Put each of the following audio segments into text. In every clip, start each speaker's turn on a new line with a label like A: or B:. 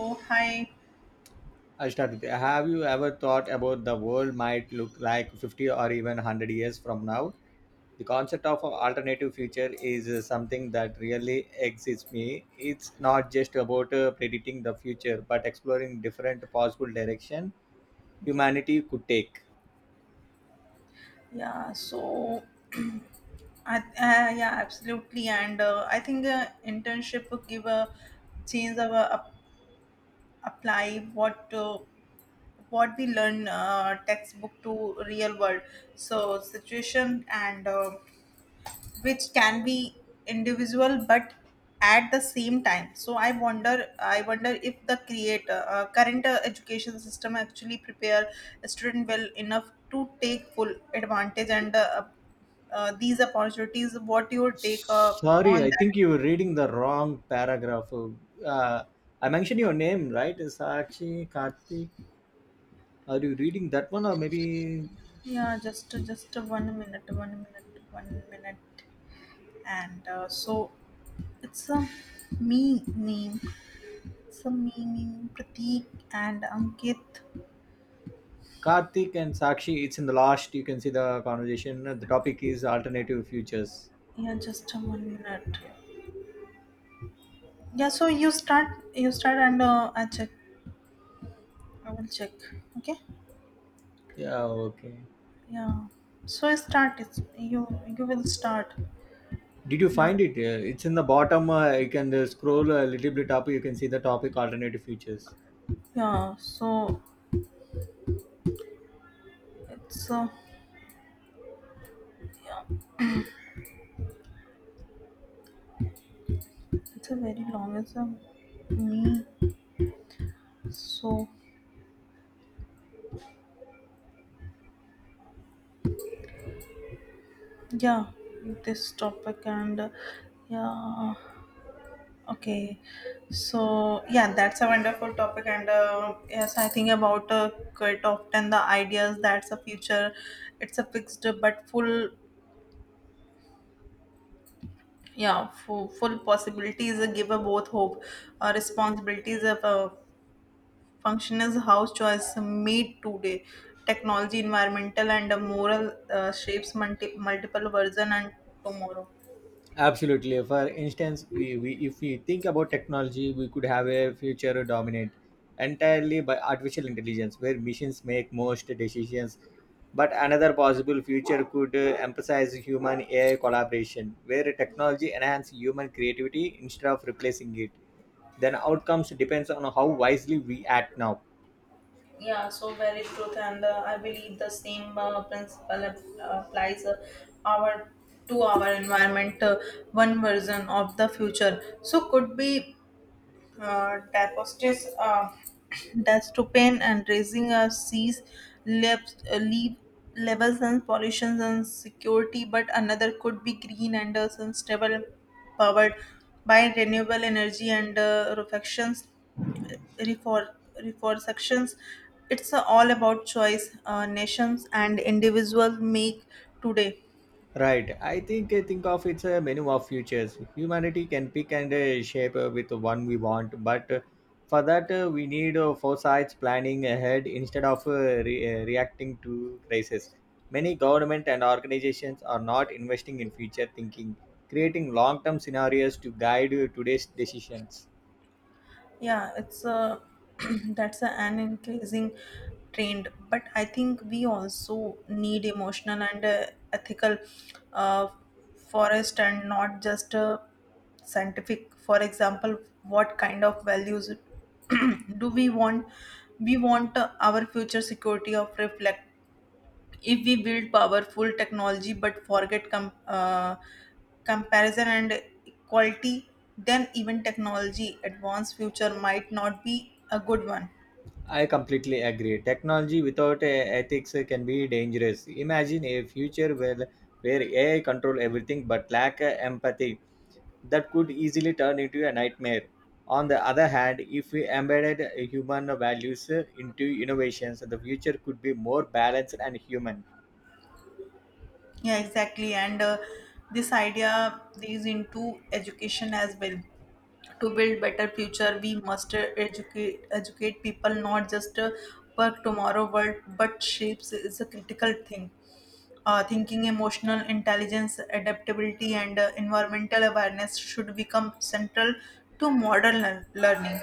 A: Oh, hi.
B: I started. Have you ever thought about the world might look like 50 or even 100 years from now? The concept of an alternative future is something that really excites me. It's not just about predicting the future, but exploring different possible direction
A: Yeah.
B: humanity could take.
A: Yeah, so I, uh, yeah, Absolutely. And I think internship will give a chance of apply what we learn, textbook to real world. So situation, and which can be individual, but at the same time. So I wonder if the creator, current education system actually prepare a student well enough to take full advantage and these opportunities, what your take
B: Sorry,
A: on
B: I
A: that?
B: think you were reading the wrong paragraph. I mentioned your name, right? Sakshi, Karthik. Are you reading that one or maybe
A: Yeah, just 1 minute, 1 minute, 1 minute. And so it's a me name, it's a me name, Pratik and Ankit.
B: Karthik and Sakshi, it's in the last. You can see the conversation. The topic is alternative futures.
A: Yeah, just a 1 minute.
B: Yeah.
A: Yeah, so you start, you start, and I will check, okay?
B: Yeah. Okay.
A: Yeah, so I start. It's you, you will start.
B: Did you
A: Not,
B: find it? It's in the bottom. You can scroll a little bit up. You can see the topic alternative futures.
A: yeah, so it's uh, yeah it's a very long as a me. So, yeah, this topic yeah, okay. So, yeah, that's a wonderful topic. And yes, I think about quite often the ideas that's a future, it's a fixed but full. Yeah, full possibilities give a both hope, responsibilities of function is how choice made today, technology, environmental, and moral, shapes multiple version and tomorrow.
B: Absolutely. For instance, we if we think about technology, we could have a future dominant entirely by artificial intelligence, where machines make most decisions. But another possible future could emphasize human AI collaboration, where technology enhances human creativity instead of replacing it. Then outcomes depends on how wisely we act now.
A: Yeah, so very truth, and I believe the same principle applies our to our environment. One version of the future so could be, Dapostes, that's to pain and raising our seas levels, leave levels and pollutions and security, but another could be green and sustainable, powered by renewable energy and reflections, refor reforestations. It's all about choice. Nations and individuals make today.
B: Right. I think of it's a menu of futures. Humanity can pick and shape with one we want, but for that we need foresight, planning ahead instead of reacting to crisis. Many government and organizations are not investing in future thinking, creating long-term scenarios to guide today's decisions.
A: Yeah, it's a that's a, an increasing trend, but I think we also need emotional and ethical, uh, forest and not just scientific. For example, what kind of values do we want? We want our future security of reflect if we build powerful technology but forget comparison and equality, then even technology advanced future might not be a good one.
B: I completely agree. Technology without ethics can be dangerous. Imagine a future where AI control everything but lack empathy that could easily turn into a nightmare. On the other hand, if we embedded human values into innovations, the future could be more balanced and human.
A: Yeah, exactly. And this idea is into education as well. To build better future, we must educate people, not just for tomorrow world, but shapes is a critical thing. Thinking, emotional intelligence, adaptability, and environmental awareness should become central to modern learning.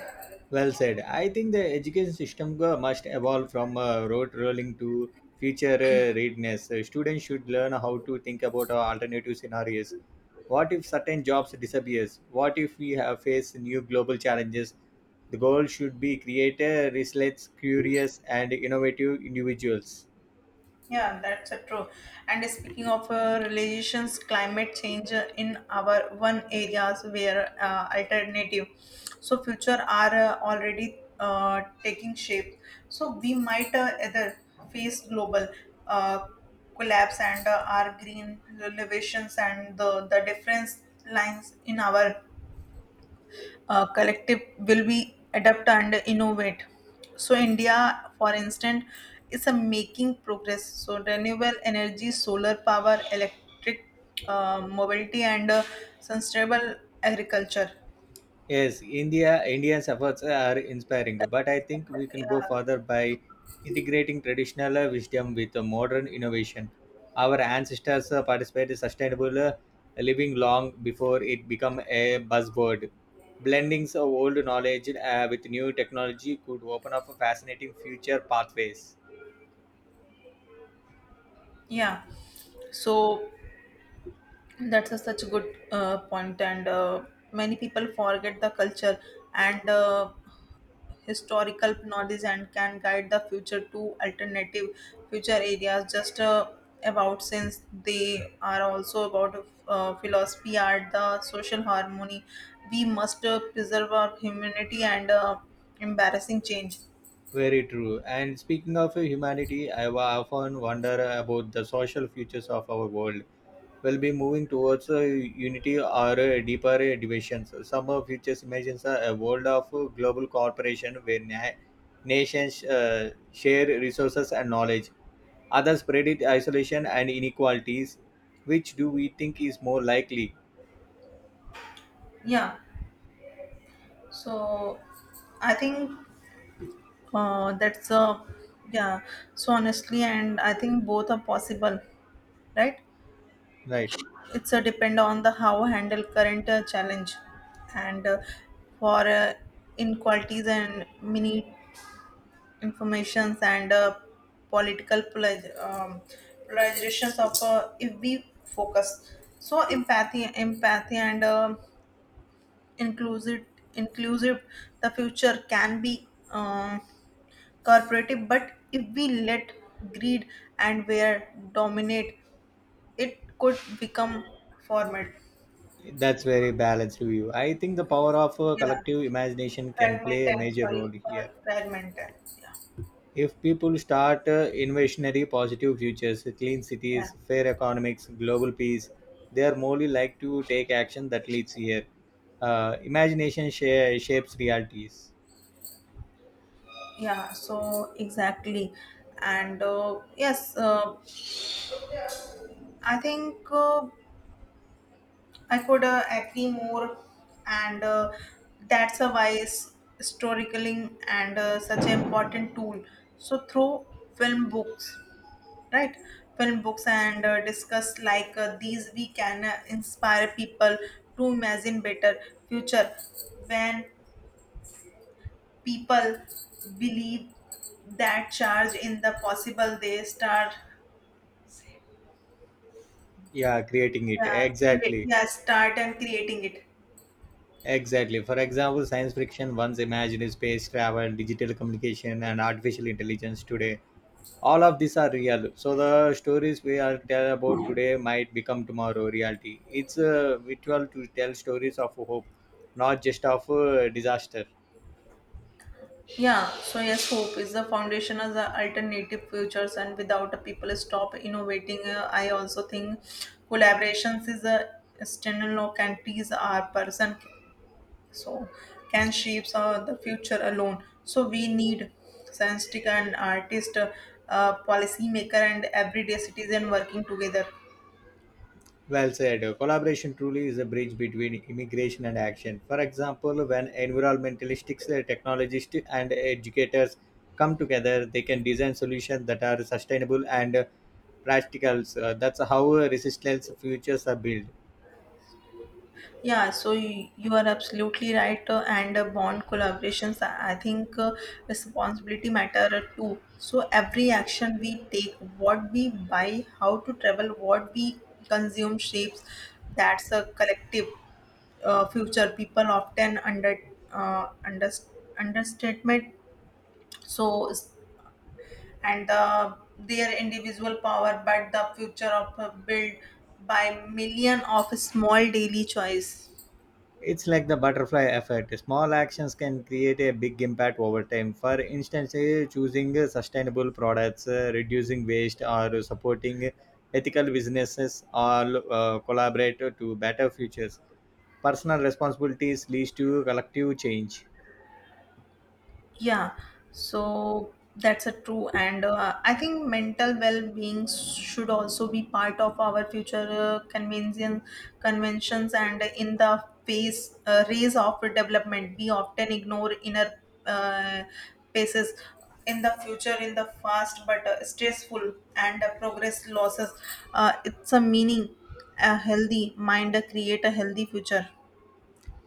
B: Well said. I think the education system must evolve from rote rolling to future readiness. Students should learn how to think about alternative scenarios. What if certain jobs disappears? What if we have face new global challenges? The goal should be create a restless, curious, and innovative individuals.
A: Yeah, that's true. And speaking of relations, climate change in our one areas where alternative, so future are already taking shape. So we might either face global uh, collapse and our green renovations and the difference lines in our collective will be adapt and innovate. So India, for instance, is a making progress. So renewable energy, solar power, electric mobility, and sustainable agriculture.
B: Yes, India's efforts are inspiring, but I think we can go
A: Yeah,
B: further by integrating traditional wisdom with modern innovation. Our ancestors participated in sustainable living long before it became a buzzword. Blendings of old knowledge with new technology could open up fascinating future pathways.
A: yeah. So That's a such a good point, and many people forget the culture and historical knowledge and can guide the future to alternative future areas. Just about since they are also about philosophy, art, the social harmony. We must preserve our humanity and embarrassing change.
B: Very true. And speaking of humanity, often wonder about the social futures of our world will be moving towards a unity or a deeper divisions. Some of futures imagines are a world of global cooperation where nations share resources and knowledge. Others predict isolation and inequalities. Which do we think is more likely?
A: Yeah, so I think that's a yeah. So Honestly, and I think both are possible, right?
B: Right.
A: It's a depend on the how handle current challenge, and for inequalities and mini informations and political polarizations of if we focus. So empathy, and inclusive, inclusive, the future can be um corporative. But if we let greed and where dominate, it could become format.
B: That's very balanced view. I think the power of
A: yeah
B: collective imagination can play a
A: Fragmented,
B: major
A: sorry,
B: role here.
A: fragmented. yeah
B: If people start invasionary positive futures, clean
A: yeah
B: cities, fair economics, global peace, they are more likely to take action that leads here. Imagination shapes realities.
A: yeah, so exactly. And uh, yes uh, i think uh, i could agree more. And That's a wise storytelling, and such an important tool, so through film books right film, books, and discuss like these, we can inspire people to imagine better future. When people believe that charge in the possible, they start,
B: Yeah, creating it.
A: uh,
B: Exactly.
A: yeah start and creating it.
B: Exactly. For example, science fiction once imagined space travel, digital communication, and artificial intelligence today. All of these are real. So the stories we are tell about today might become tomorrow reality. It's a ritual to tell stories of hope, not just of disaster.
A: Yeah, so yes, hope is the foundation of the alternative futures, and without a people stop innovating. I also think collaborations is a external. No countries are person, so can shapes the future alone. So we need scientific and artist, policymaker, and everyday citizen working together.
B: Well said. Collaboration truly is a bridge between immigration and action. For example, when environmentalists technologists and educators come together, they can design solutions that are sustainable and practical. So that's how resistance futures are built.
A: Yeah, so you are absolutely right, and bond collaborations. I think responsibility matter too. So every action we take, what we buy, how to travel, what we consume, shapes that's a collective future. People often uh, underst- understatement so s- and their individual power, but the future of a build by million of small daily choice.
B: It's like the butterfly effect. Small actions can create a big impact over time. For instance, choosing sustainable products, reducing waste, or supporting ethical businesses all collaborate to better futures. Personal responsibilities leads to collective change.
A: Yeah, so that's a true, and I think mental well-being should also be part of our future conventions. And in the phase race of development, we often ignore inner uh, paces. In the future, in the fast but stressful and progress losses, it's a meaning. A healthy mind create a healthy future.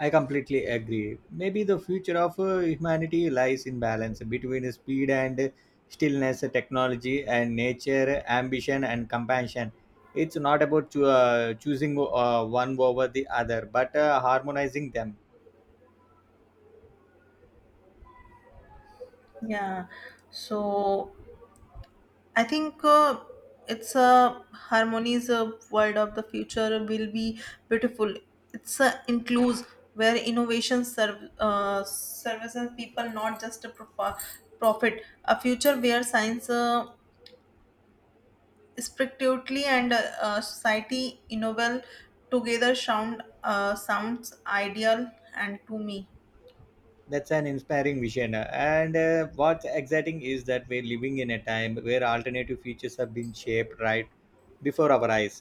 B: I completely agree. Maybe the future of humanity lies in balance between speed and stillness, technology and nature, ambition and compassion. It's not about choosing one over the other, but harmonizing them.
A: Yeah, so I think it's a harmonies world of the future will be beautiful. It's includes where innovation serve services people, not just a profit. A future where science strictly and society innovate together sounds ideal and to me.
B: That's an inspiring vision. And what's exciting is that we're living in a time where alternative futures have been shaped right before our eyes.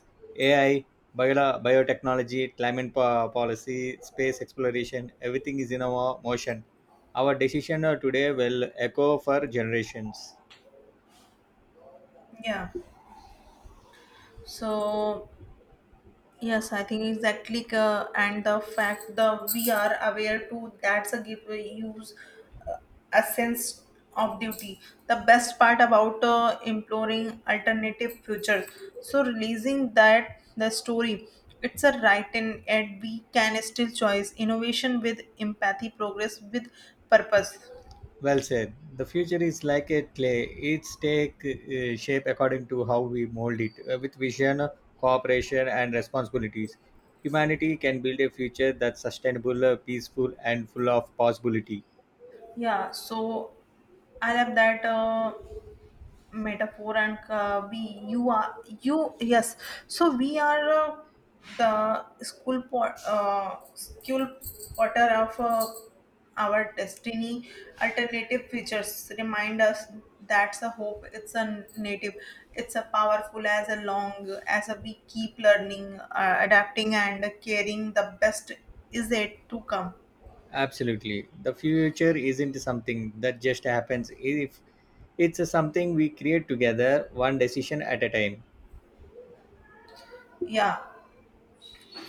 B: AI, biotechnology, climate policy, space exploration, everything is in our motion. Our decision today will echo for generations.
A: Yeah. So Yes, I think exactly, and the fact that we are aware too, that's a give use a sense of duty. The best part about imploring alternative futures. So releasing that the story, it's a right, and yet we can still choice innovation with empathy, progress with purpose.
B: Well said. The future is like a clay. It's take shape according to how we mold it with vision, cooperation, and responsibilities. Humanity can build a future that's sustainable, peaceful, and full of possibility.
A: Yeah, so I love that metaphor, and we you are you yes so we are the school potter of our destiny. Alternative features remind us that's a hope, it's a native, it's a powerful, as a long as a we keep learning, adapting and caring. The best is yet to come.
B: Absolutely. The future isn't something that just happens. If it's something we create together, one decision at a time.
A: Yeah,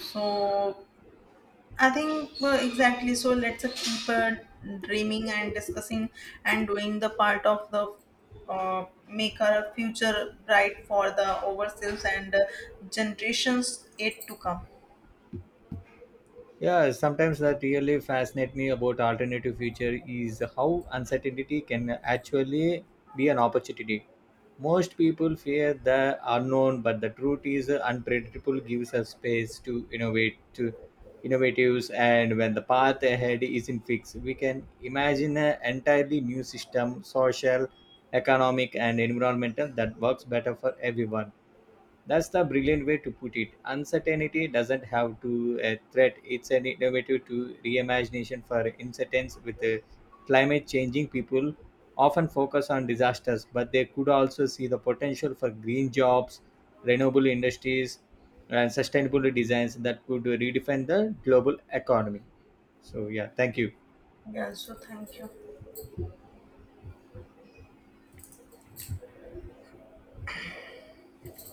A: so I think exactly. So let's keep dreaming and discussing and doing the part of the make our future bright for the overseas and generations yet to come.
B: Yeah, sometimes that really fascinates me about alternative future is how uncertainty can actually be an opportunity. Most people fear the unknown, but the truth is unpredictable gives us space to innovate, to innovatives, and when the path ahead isn't fixed, we can imagine an entirely new system, social, economic, and environmental that works better for everyone. That's the brilliant way to put it. Uncertainty doesn't have to a threat. It's an innovative to reimagination for incidents with the climate changing people often focus on disasters, but they could also see the potential for green jobs, renewable industries, and sustainable designs that could redefine the global economy. So yeah, thank you.
A: Yeah. So thank you.